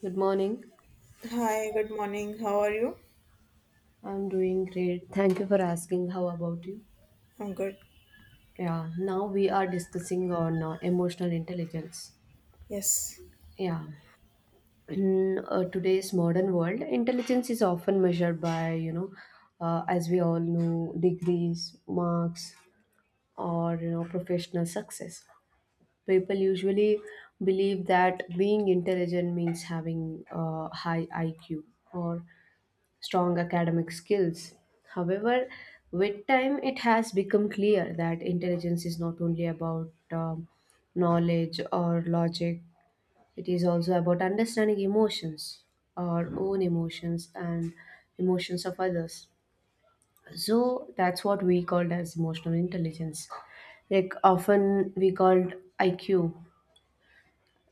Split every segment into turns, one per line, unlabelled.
Good morning.
Hi, good morning. How are you?
I'm doing great. Thank you for asking. How about you?
I'm good.
Yeah, Now we are discussing on emotional intelligence.
Yes.
Yeah. In today's modern world, intelligence is often measured by, as we all know, degrees, marks, or, professional success. People usually believe that being intelligent means having a high IQ or strong academic skills. However, with time, it has become clear that intelligence is not only about knowledge or logic, it is also about understanding emotions, our own emotions, and emotions of others. So that's what we called as emotional intelligence. Like often we called IQ,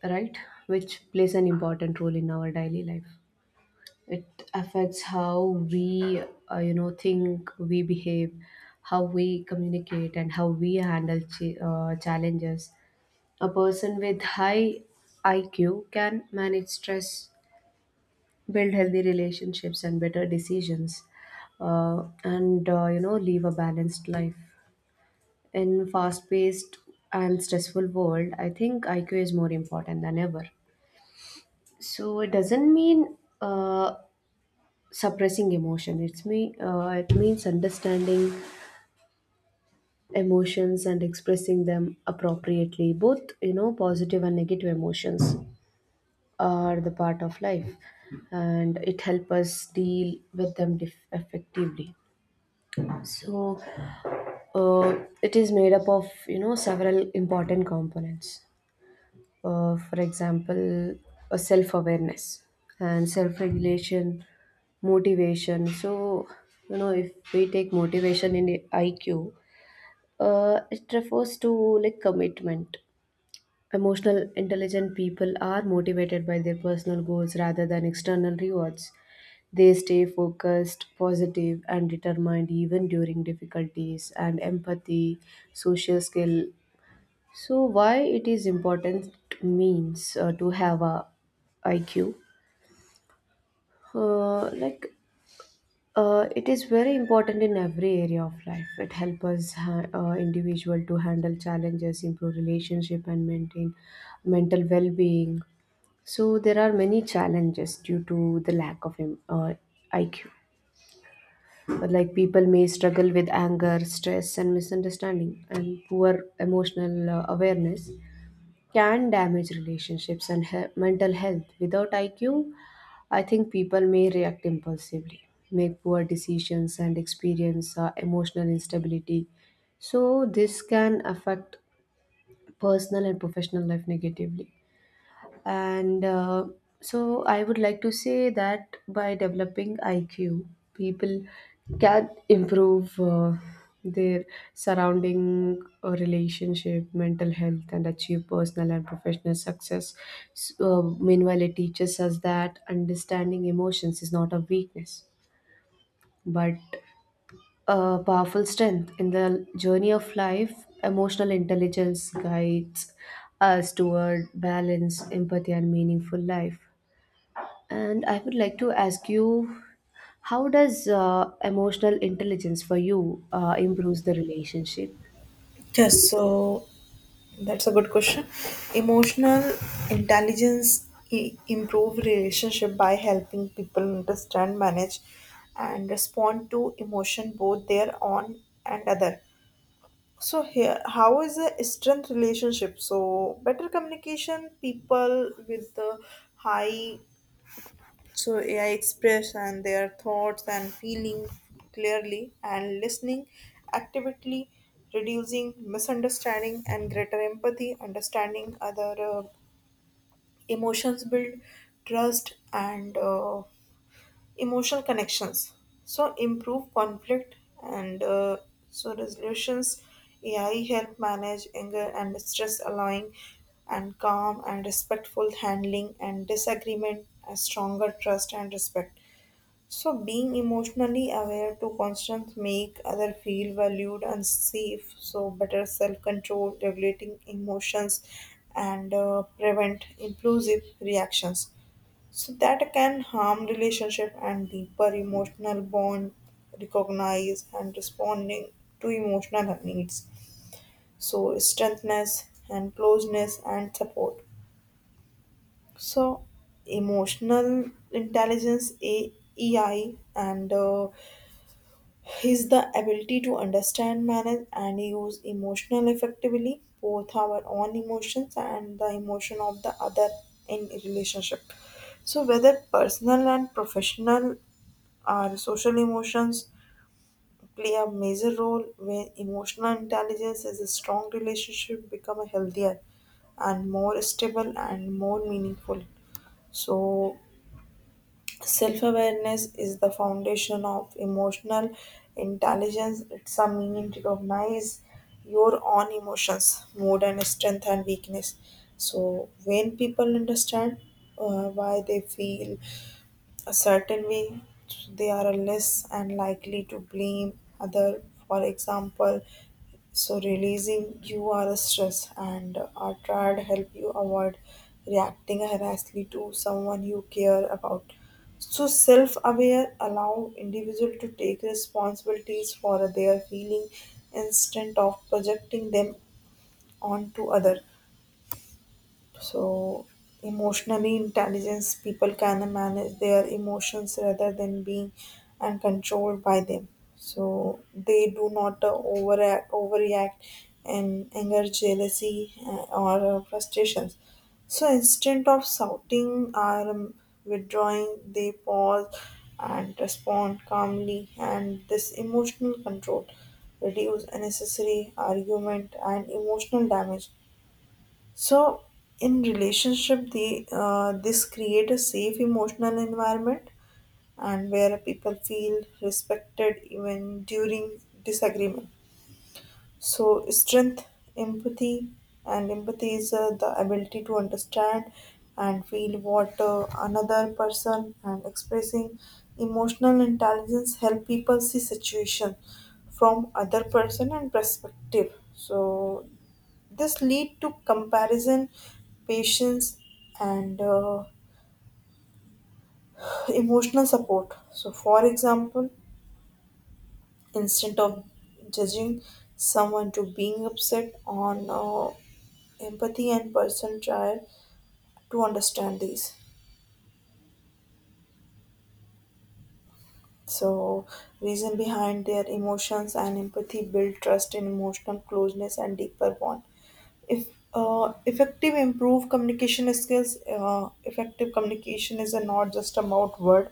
right? Which plays an important role in our daily life. It affects how we think we behave, how we communicate, and how we handle challenges. A person with high IQ can manage stress, build healthy relationships and better decisions, and live a balanced life. In fast paced and stressful world, I think IQ is more important than ever. So it doesn't mean suppressing emotion, it means understanding emotions and expressing them appropriately. Both positive and negative emotions are the part of life, and it helps us deal with them effectively. So uh, it is made up of several important components. For example, a self awareness and self regulation, motivation. So, if we take motivation in IQ, it refers to like commitment. Emotional, intelligent people are motivated by their personal goals rather than external rewards. They stay focused, positive, and determined even during difficulties, and empathy, social skill. So why it is important means to have a IQ? Uh, like it is very important in every area of life. It helps us individual to handle challenges, improve relationship, and maintain mental well-being. So there are many challenges due to the lack of IQ. But, like people may struggle with anger, stress, and misunderstanding, and poor emotional awareness. Can damage relationships and mental health. Without IQ, I think people may react impulsively, make poor decisions, and experience emotional instability. So, this can affect personal and professional life negatively. And so I would like to say that by developing IQ, people can improve their surrounding relationship, mental health, and achieve personal and professional success. So, meanwhile, it teaches us that understanding emotions is not a weakness, but a powerful strength. In the journey of life, emotional intelligence guides us toward balance, empathy, and meaningful life. And I would like to ask you, how does emotional intelligence for you improves the relationship?
Yes, so that's a good question. Emotional intelligence improve relationship by helping people understand, manage, and respond to emotion, both their own and other. So here, how is a strength relationship? So better communication, people with the high. So AI express and their thoughts and feeling clearly and listening actively, reducing misunderstanding and greater empathy, understanding other emotions, build trust and emotional connections. So improve conflict and so resolutions. AI help manage anger and stress, allowing and calm and respectful handling and disagreement, a stronger trust and respect. So being emotionally aware to constantly make other feel valued and safe. So better self-control, regulating emotions, and prevent impulsive reactions. So that can harm relationship and deeper emotional bond. Recognize and responding to emotional needs. So strengthness and closeness and support. So emotional intelligence A EI and is the ability to understand, manage, and use emotional effectively, both our own emotions and the emotion of the other in relationship. So, whether personal and professional or social emotions play a major role when emotional intelligence is a strong relationship, become a healthier and more stable and more meaningful. So self awareness is the foundation of emotional intelligence. It's a meaning to recognize your own emotions, mood, and strength and weakness. So, when people understand why they feel a certain way, they are less and likely to blame other. For example, so releasing you are a stress and our triad help you avoid reacting harassingly to someone you care about. So self-aware allow individual to take responsibilities for their feeling instead of projecting them onto other. So, emotionally intelligence people can manage their emotions rather than being and controlled by them. So they do not overreact, and anger, jealousy, or frustrations. So instead of shouting or withdrawing, they pause and respond calmly. And this emotional control reduce unnecessary argument and emotional damage. So in relationship, the this create a safe emotional environment and where people feel respected even during disagreement. So strength, empathy, and empathy is the ability to understand and feel what another person and expressing emotional intelligence help people see situation from other person and perspective, so this lead to comparison, patience, and emotional support. So, for example, instead of judging someone to being upset on empathy and person try to understand these. So, reason behind their emotions and empathy build trust in emotional closeness and deeper bond. If effective improve communication skills, effective communication is not just about word.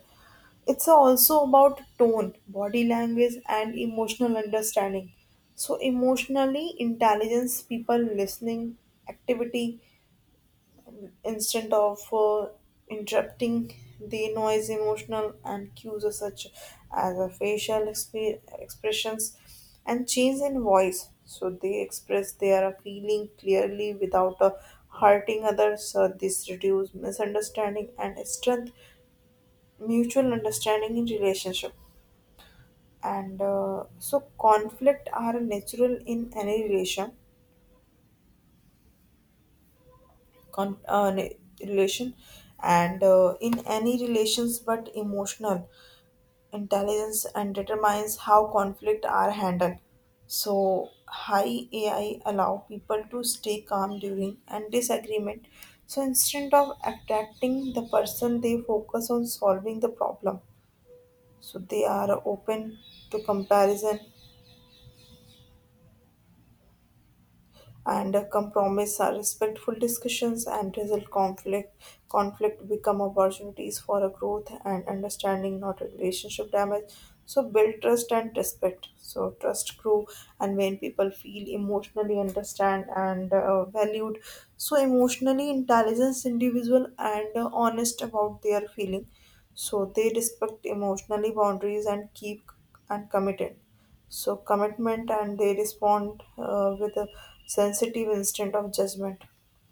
It's also about tone, body language, and emotional understanding. So, emotionally, intelligence, people listening, activity, instead of interrupting the noise, emotional and cues are such as a facial expressions and change in voice. So, they express their feeling clearly without hurting others. So, this reduces misunderstanding and strength mutual understanding in relationship, and so conflict are natural in any relation, relation and in any relations, but emotional intelligence and determines how conflict are handled. So high AI allow people to stay calm during and disagreement. So instead of attacking the person, they focus on solving the problem. So they are open to comparison, and a compromise are respectful discussions and result conflict become opportunities for a growth and understanding, not a relationship damage. So build trust and respect. So trust grow, and when people feel emotionally understand and valued, so emotionally intelligence individual and honest about their feeling. So they respect emotionally boundaries and keep and committed, so commitment, and they respond with a sensitive instinct of judgment.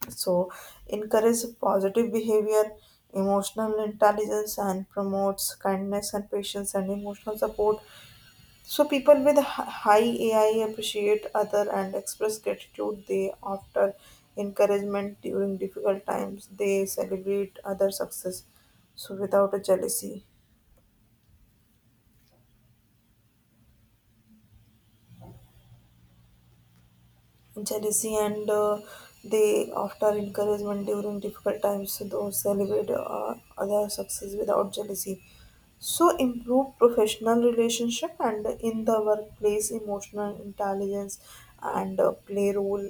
So encourage positive behavior, emotional intelligence, and promotes kindness and patience and emotional support. So people with high AI appreciate other and express gratitude. They after encouragement during difficult times. They celebrate other success. So without a jealousy. Jealousy and they after encouragement during difficult times, so those celebrate other success without jealousy. So improve professional relationship, and in the workplace emotional intelligence and play role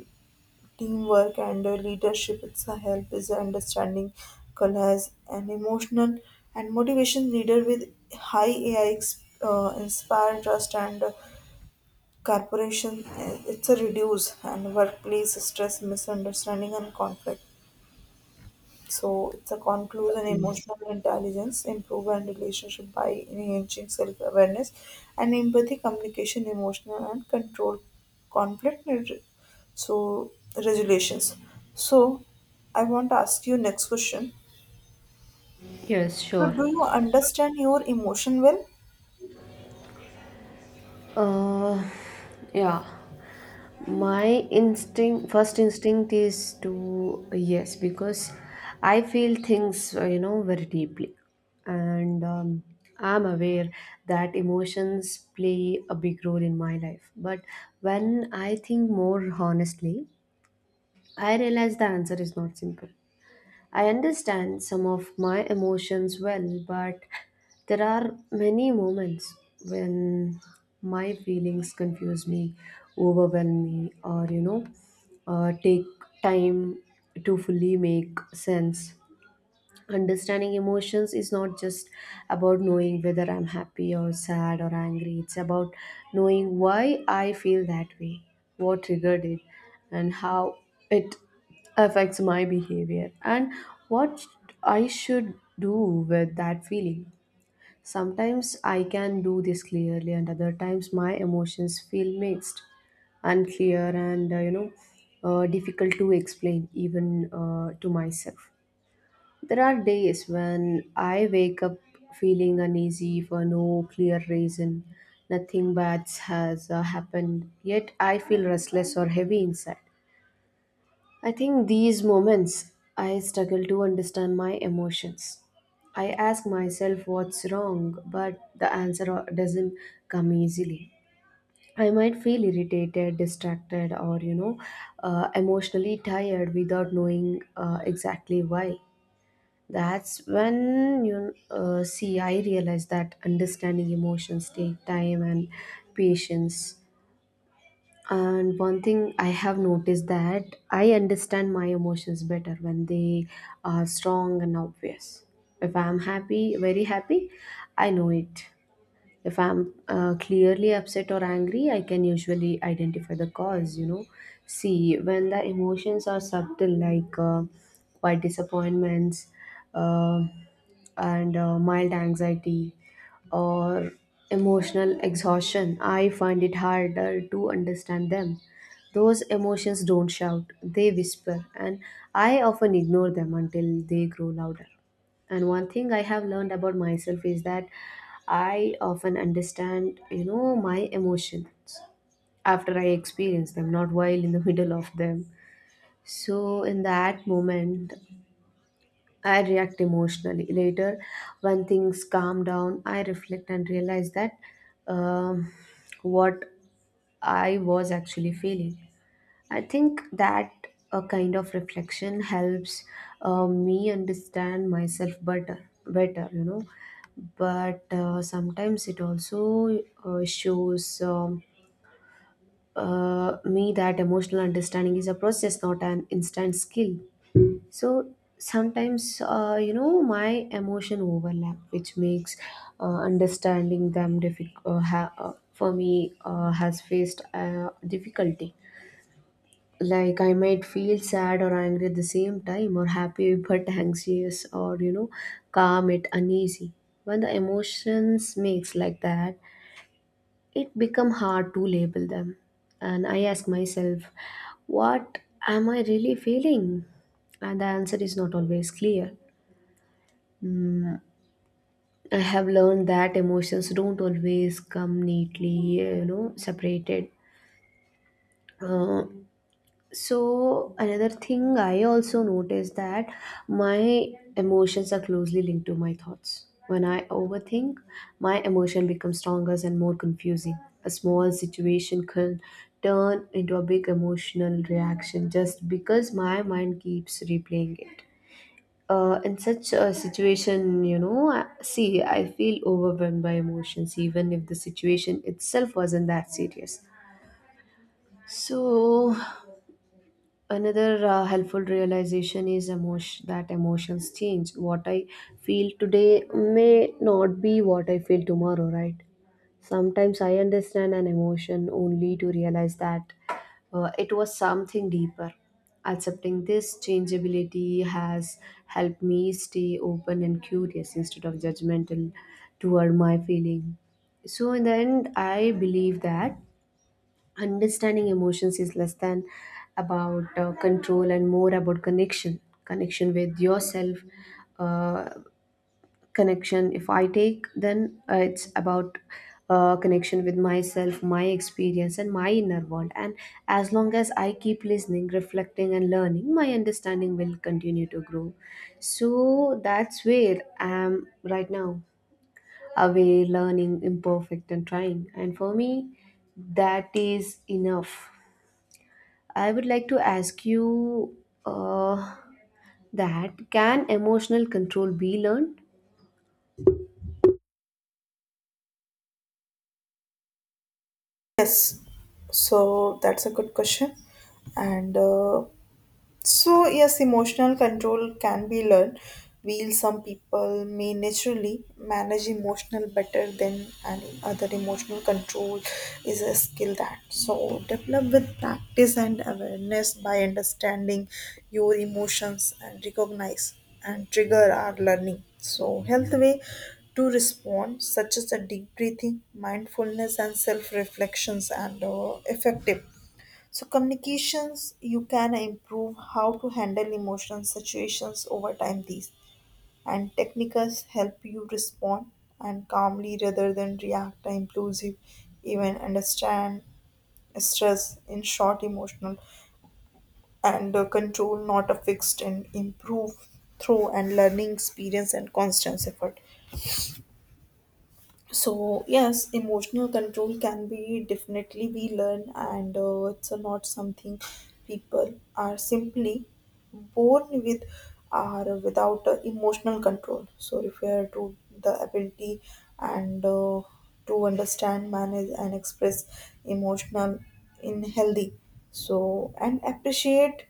teamwork and leadership. It's a help is understanding colors and emotional and motivation. Leader with high AI inspire trust and corporation. Eh, it's a reduce and workplace stress misunderstanding and conflict. So it's a conclusion,
Yes,
emotional intelligence improve and relationship by enhancing self-awareness and empathy communication emotional and control conflict and so resolutions. So I want to ask you next question.
yes,
So
sure.
do you understand your emotion well?
Uh, yeah. My instinct, first instinct is to yes, because I feel things, very deeply, and I'm aware that emotions play a big role in my life. But when I think more honestly, I realize the answer is not simple. I understand some of my emotions well, but there are many moments when my feelings confuse me, overwhelm me, or take time to fully make sense. Understanding emotions is not just about knowing whether I'm happy or sad or angry. It's about knowing why I feel that way, what triggered it, and how it affects my behavior, and what I should do with that feeling. Sometimes I can do this clearly, and other times my emotions feel mixed, unclear, and difficult to explain even to myself. There are days when I wake up feeling uneasy for no clear reason. Nothing bad has happened, yet I feel restless or heavy inside. I think these moments I struggle to understand my emotions. I ask myself what's wrong, but the answer doesn't come easily. I might feel irritated, distracted, or emotionally tired without knowing exactly why. That's when I realize that understanding emotions take time and patience. And one thing I have noticed that I understand my emotions better when they are strong and obvious. If I'm happy, very happy, I know it. If I'm clearly upset or angry, I can usually identify the cause, you know. See, when the emotions are subtle, like quiet disappointments, uh, and mild anxiety or emotional exhaustion, I find it harder to understand them. Those emotions don't shout, they whisper, and I often ignore them until they grow louder. And one thing I have learned about myself is that I often understand, my emotions after I experience them, not while in the middle of them. So, in that moment, I react emotionally. Later, when things calm down, I reflect and realize that um, what I was actually feeling. I think that a kind of reflection helps me understand myself better, you know. But sometimes it also shows me that emotional understanding is a process, not an instant skill. So sometimes my emotion overlap, which makes understanding them difficult ha- for me has faced difficulty, like I might feel sad or angry at the same time, or happy but anxious, or calm it uneasy. When the emotions mix like that, it become hard to label them, and I ask myself, what am I really feeling? And the answer is not always clear. Mm, I have learned that emotions don't always come neatly, separated. Uh, so another thing I also noticed that my emotions are closely linked to my thoughts. When I overthink, my emotion becomes stronger and more confusing. A small situation can turn into a big emotional reaction just because my mind keeps replaying it. In such a situation, see, I feel overwhelmed by emotions, even if the situation itself wasn't that serious. So, another helpful realization is that emotions change. What I feel today may not be what I feel tomorrow, right? Sometimes I understand an emotion only to realize that it was something deeper. Accepting this changeability has helped me stay open and curious instead of judgmental toward my feeling. So, in the end, I believe that understanding emotions is less than about control and more about connection, connection with yourself, uh, connection if I take then it's about connection with myself, my experience and my inner world. And as long as I keep listening, reflecting and learning, my understanding will continue to grow. So that's where I am right now, aware, learning, imperfect and trying, and for me that is enough. I would like to ask you uh, that can emotional control be learned?
Yes, so that's a good question. And so, yes, emotional control can be learned. While some people may naturally manage emotional better than and other, emotional control is a skill that so develop with practice and awareness by understanding your emotions and recognize and trigger our learning. So health way to respond such as a deep breathing, mindfulness and self reflections and effective so communications, you can improve how to handle emotional situations. Over time, these and techniques help you respond and calmly rather than react impulsive, even understand stress. In short, emotional and control not a fixed and improve through and learning experience and constant effort. So yes, emotional control can be definitely be learned, and it's not something people are simply born with or without emotional control. So refer to the ability and to understand, manage, and express emotional in healthy so and appreciate,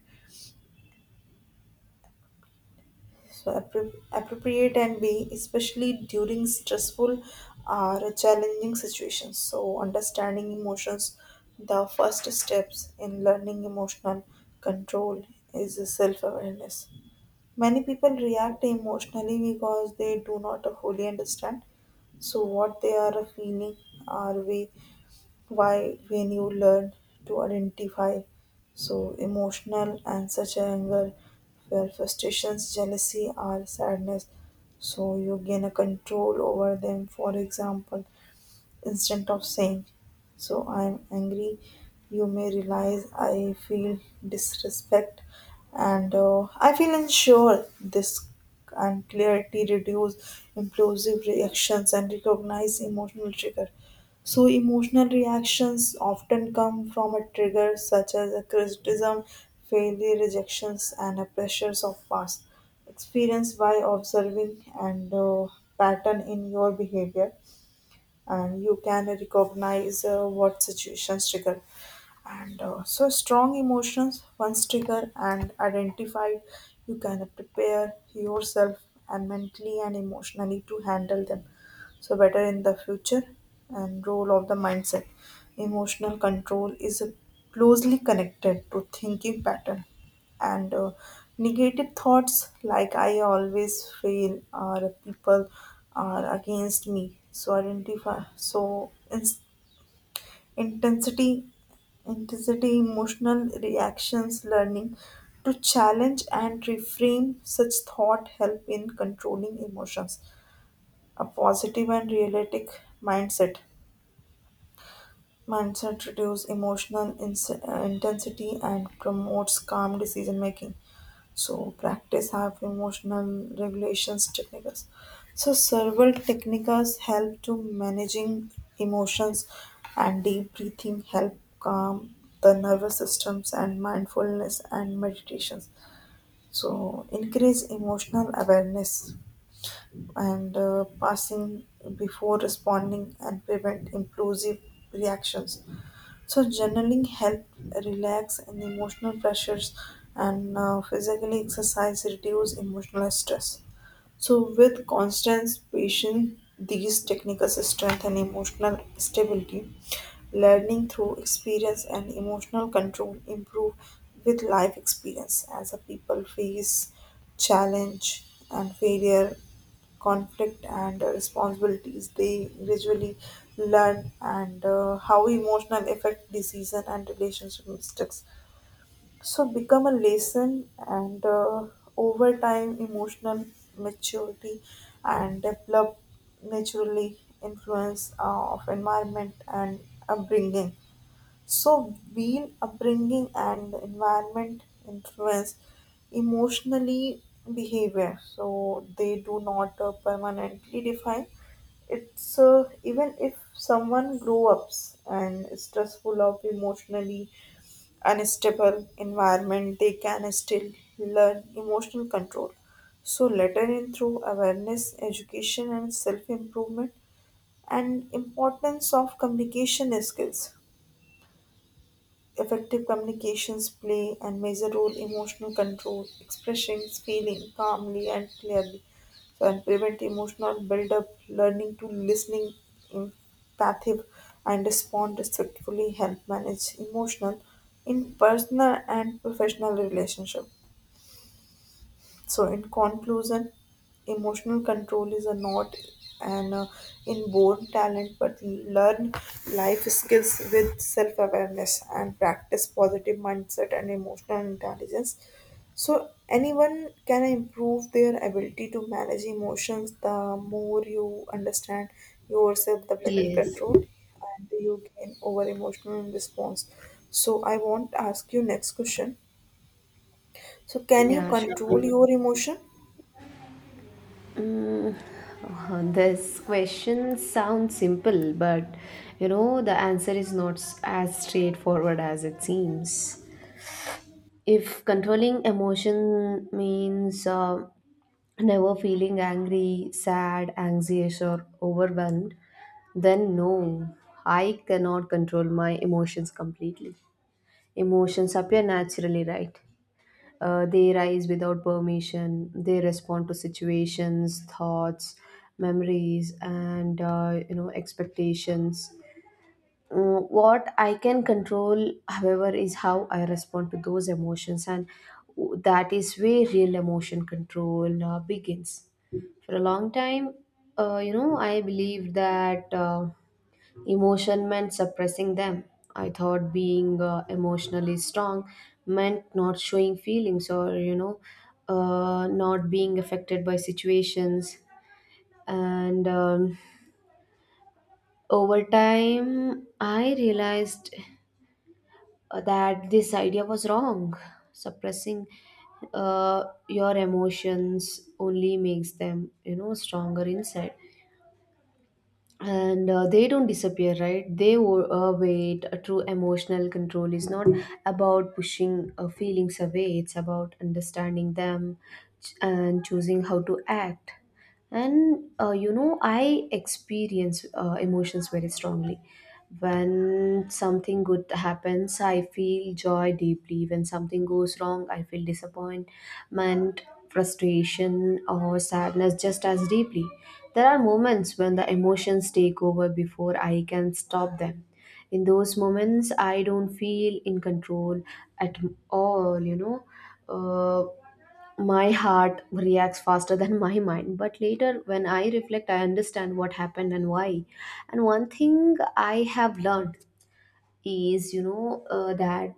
so appropriate and be especially during stressful or challenging situations. So understanding emotions, the first steps in learning emotional control is self-awareness. Many people react emotionally because they do not fully understand so what they are feeling or we why. When you learn to identify so emotional and such anger, where frustrations jealousy or sadness, so you gain a control over them. For example, instead of saying, so I'm angry, you may realize I feel disrespect and I feel unsure. This and clarity reduce impulsive reactions and recognize emotional trigger. So, emotional reactions often come from a trigger such as a criticism, failure, rejections, and a pressures of past experience. By observing and pattern in your behavior, and you can recognize what situations trigger and so strong emotions. Once triggered and identified, you can prepare yourself and mentally and emotionally to handle them so better in the future. And role of the mindset, emotional control is closely connected to thinking pattern and negative thoughts like I always fail or people are against me, so identify so ins- intensity intensity emotional reactions. Learning to challenge and reframe such thought help in controlling emotions. A positive and realistic mindset mindset reduces emotional intensity and promotes calm decision making. So practice have emotional regulations techniques. So several techniques help to managing emotions, and deep breathing help calm the nervous systems and mindfulness and meditations. So increase emotional awareness and passing before responding and prevent impulsive reactions. So journaling helps relax and emotional pressures, and physical exercise reduce emotional stress. So, with constant patience, these technical strength and emotional stability, learning through experience and emotional control improve with life experience. As a people face challenge and failure, conflict and responsibilities, they gradually learn and how emotional affect decision and relationship mistakes. So become a lesson, and over time, emotional maturity and develop naturally influence of environment and upbringing. So being upbringing and environment influence emotionally behavior. So they do not permanently define. It's even if someone grow ups and is stressful of emotionally unstable environment, they can still learn emotional control. So, later in through awareness, education, and self improvement, and importance of communication skills, effective communications play and major role emotional control, expressing feeling calmly and clearly, so and prevent emotional buildup. Learning to listening empathic and respond respectfully help manage emotional in personal and professional relationship. So, in conclusion, emotional control is a not an inborn talent, but learn life skills with self awareness and practice positive mindset and emotional intelligence. So, anyone can improve their ability to manage emotions. The more you understand yourself, the better control
Yes,
and you gain over emotional response. So, I want to ask you next question. So, can you
yeah, sure.
control your emotion?
This question sounds simple, but the answer is not as straightforward as it seems. If controlling emotion means never feeling angry, sad, anxious, or overwhelmed, then no, I cannot control my emotions completely. Emotions appear naturally, right? They rise without permission. They respond to situations, thoughts, memories, and expectations. Mm, what I can control, however, is how I respond to those emotions, and that is where real emotion control begins. For a long time, I believed that. Emotion meant suppressing them. I thought being emotionally strong meant not showing feelings or, not being affected by situations. And Over time, I realized that this idea was wrong. Suppressing your emotions only makes them, stronger inside. And they don't disappear, right? They wait. A true emotional control is not about pushing feelings away, it's about understanding them, and choosing how to act. And I experience emotions very strongly. When something good happens, I feel joy deeply. When something goes wrong, I feel disappointment, frustration or sadness just as deeply. There are moments when the emotions take over before I can stop them. In those moments, I don't feel in control at all, you know. Uh, my heart reacts faster than my mind. But later, when I reflect, I understand what happened and why. And one thing I have learned is, that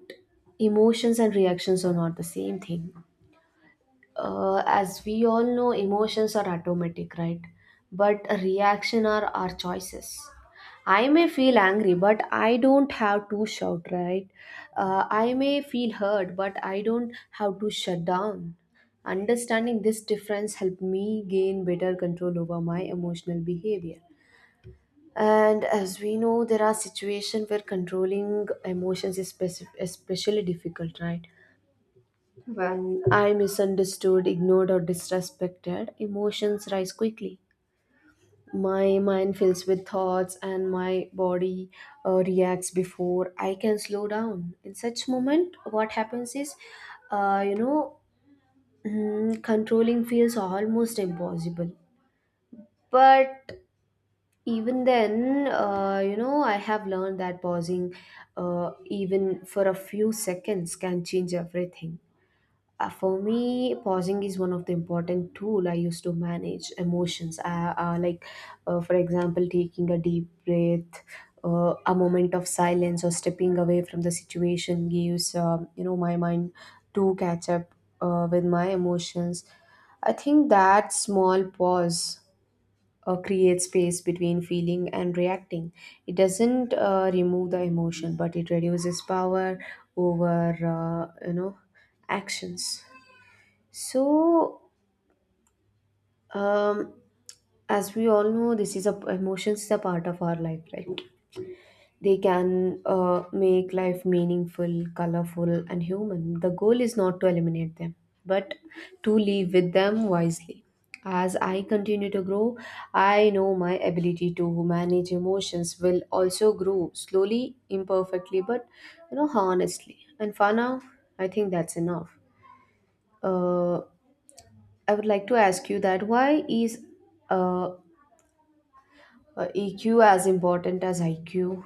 emotions and reactions are not the same thing. As we all know, emotions are automatic, right? But a reaction are our choices. I may feel angry, but I don't have to shout, right? I may feel hurt, but I don't have to shut down. Understanding this difference helped me gain better control over my emotional behavior. And as we know, there are situations where controlling emotions is especially difficult, right? When I am misunderstood, ignored, or disrespected, emotions rise quickly. My mind fills with thoughts, and my body reacts before I can slow down. In such moment, what happens is, uh, you know, mm, controlling feels almost impossible. But even then, I have learned that pausing, even for a few seconds, can change everything. For me, pausing is one of the important tool I use to manage emotions. For example, taking a deep breath, a moment of silence, or stepping away from the situation gives my mind to catch up with my emotions. I think that small pause creates space between feeling and reacting. It doesn't remove the emotion, but it reduces power over actions. So, um, as we all know, this is a emotions is a part of our life, right? They can make life meaningful, colorful, and human. The goal is not to eliminate them, but to live with them wisely. As I continue to grow, I know my ability to manage emotions will also grow slowly, imperfectly, but honestly. And for now, I think that's enough. Uh, I would like to ask you that why is uh, EQ as important as IQ?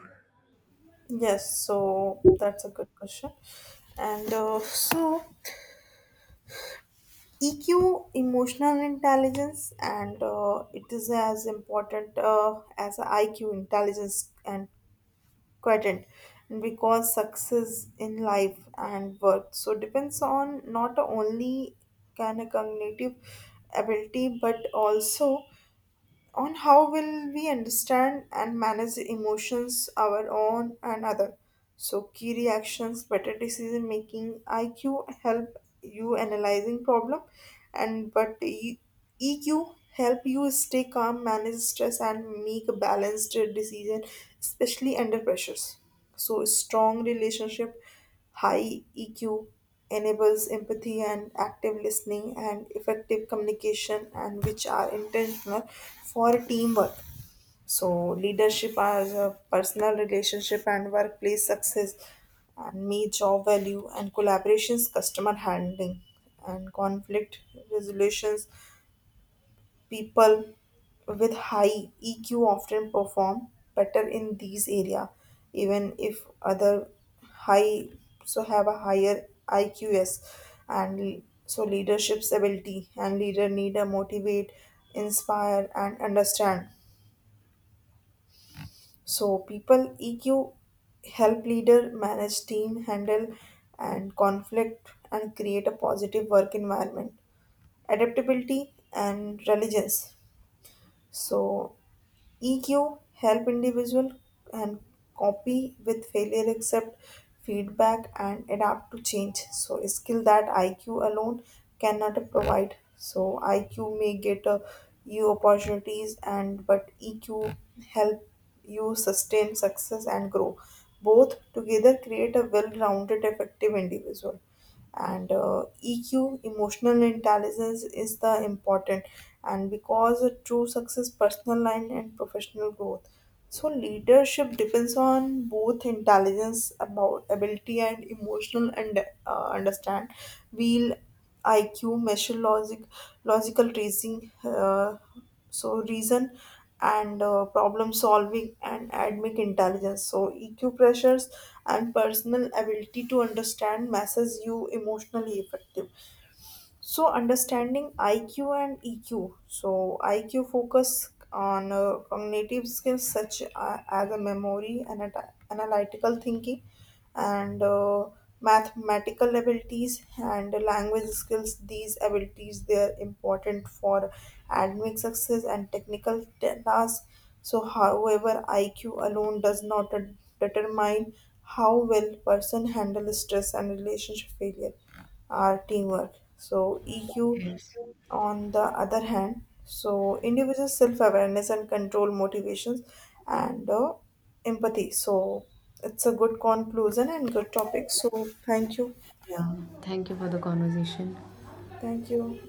Yes, so that's a good question. And so, EQ, emotional intelligence, and it is as important as IQ, intelligence, and quotient. And because success in life and work so depends on not only kind of cognitive ability but also on how will we understand and manage the emotions our own and other. So key reactions better decision making, IQ help you analyzing problem, and but EQ help you stay calm, manage stress, and make a balanced decision, especially under pressures. So strong relationship, high EQ enables empathy and active listening and effective communication and which are intentional for teamwork. So leadership as a personal relationship and workplace success and me job value and collaborations, customer handling and conflict resolutions. People with high EQ often perform better in these area, even if other high so have a higher IQs, and so leadership's ability and leader need a motivate, inspire and understand. So people EQ help leader manage team handle and conflict and create a positive work environment, adaptability and resilience. So EQ help individual and copy with failure, accept feedback and adapt to change. So a skill that IQ alone cannot provide. So IQ may get you opportunities, and but EQ help you sustain success and grow. Both together create a well-rounded, effective individual, and EQ emotional intelligence is the important and because a true success personal line and professional growth. So leadership depends on both intelligence about ability and emotional and understand wheel. IQ measure logic, logical reasoning so reason and problem solving and academic intelligence. So EQ pressures and personal ability to understand messes you emotionally effective. So understanding IQ and EQ. So IQ focus on cognitive skills such as a memory and analytical thinking and mathematical abilities and language skills. These abilities they are important for academic success and technical tasks. So however, IQ alone does not determine how well person handles stress and relationship failure are teamwork. So EQ,
Yes.
on the other hand, so individual self-awareness and control motivations and empathy. So it's a good conclusion and good topic. So thank you,
Yeah, thank you for the conversation.
thank you.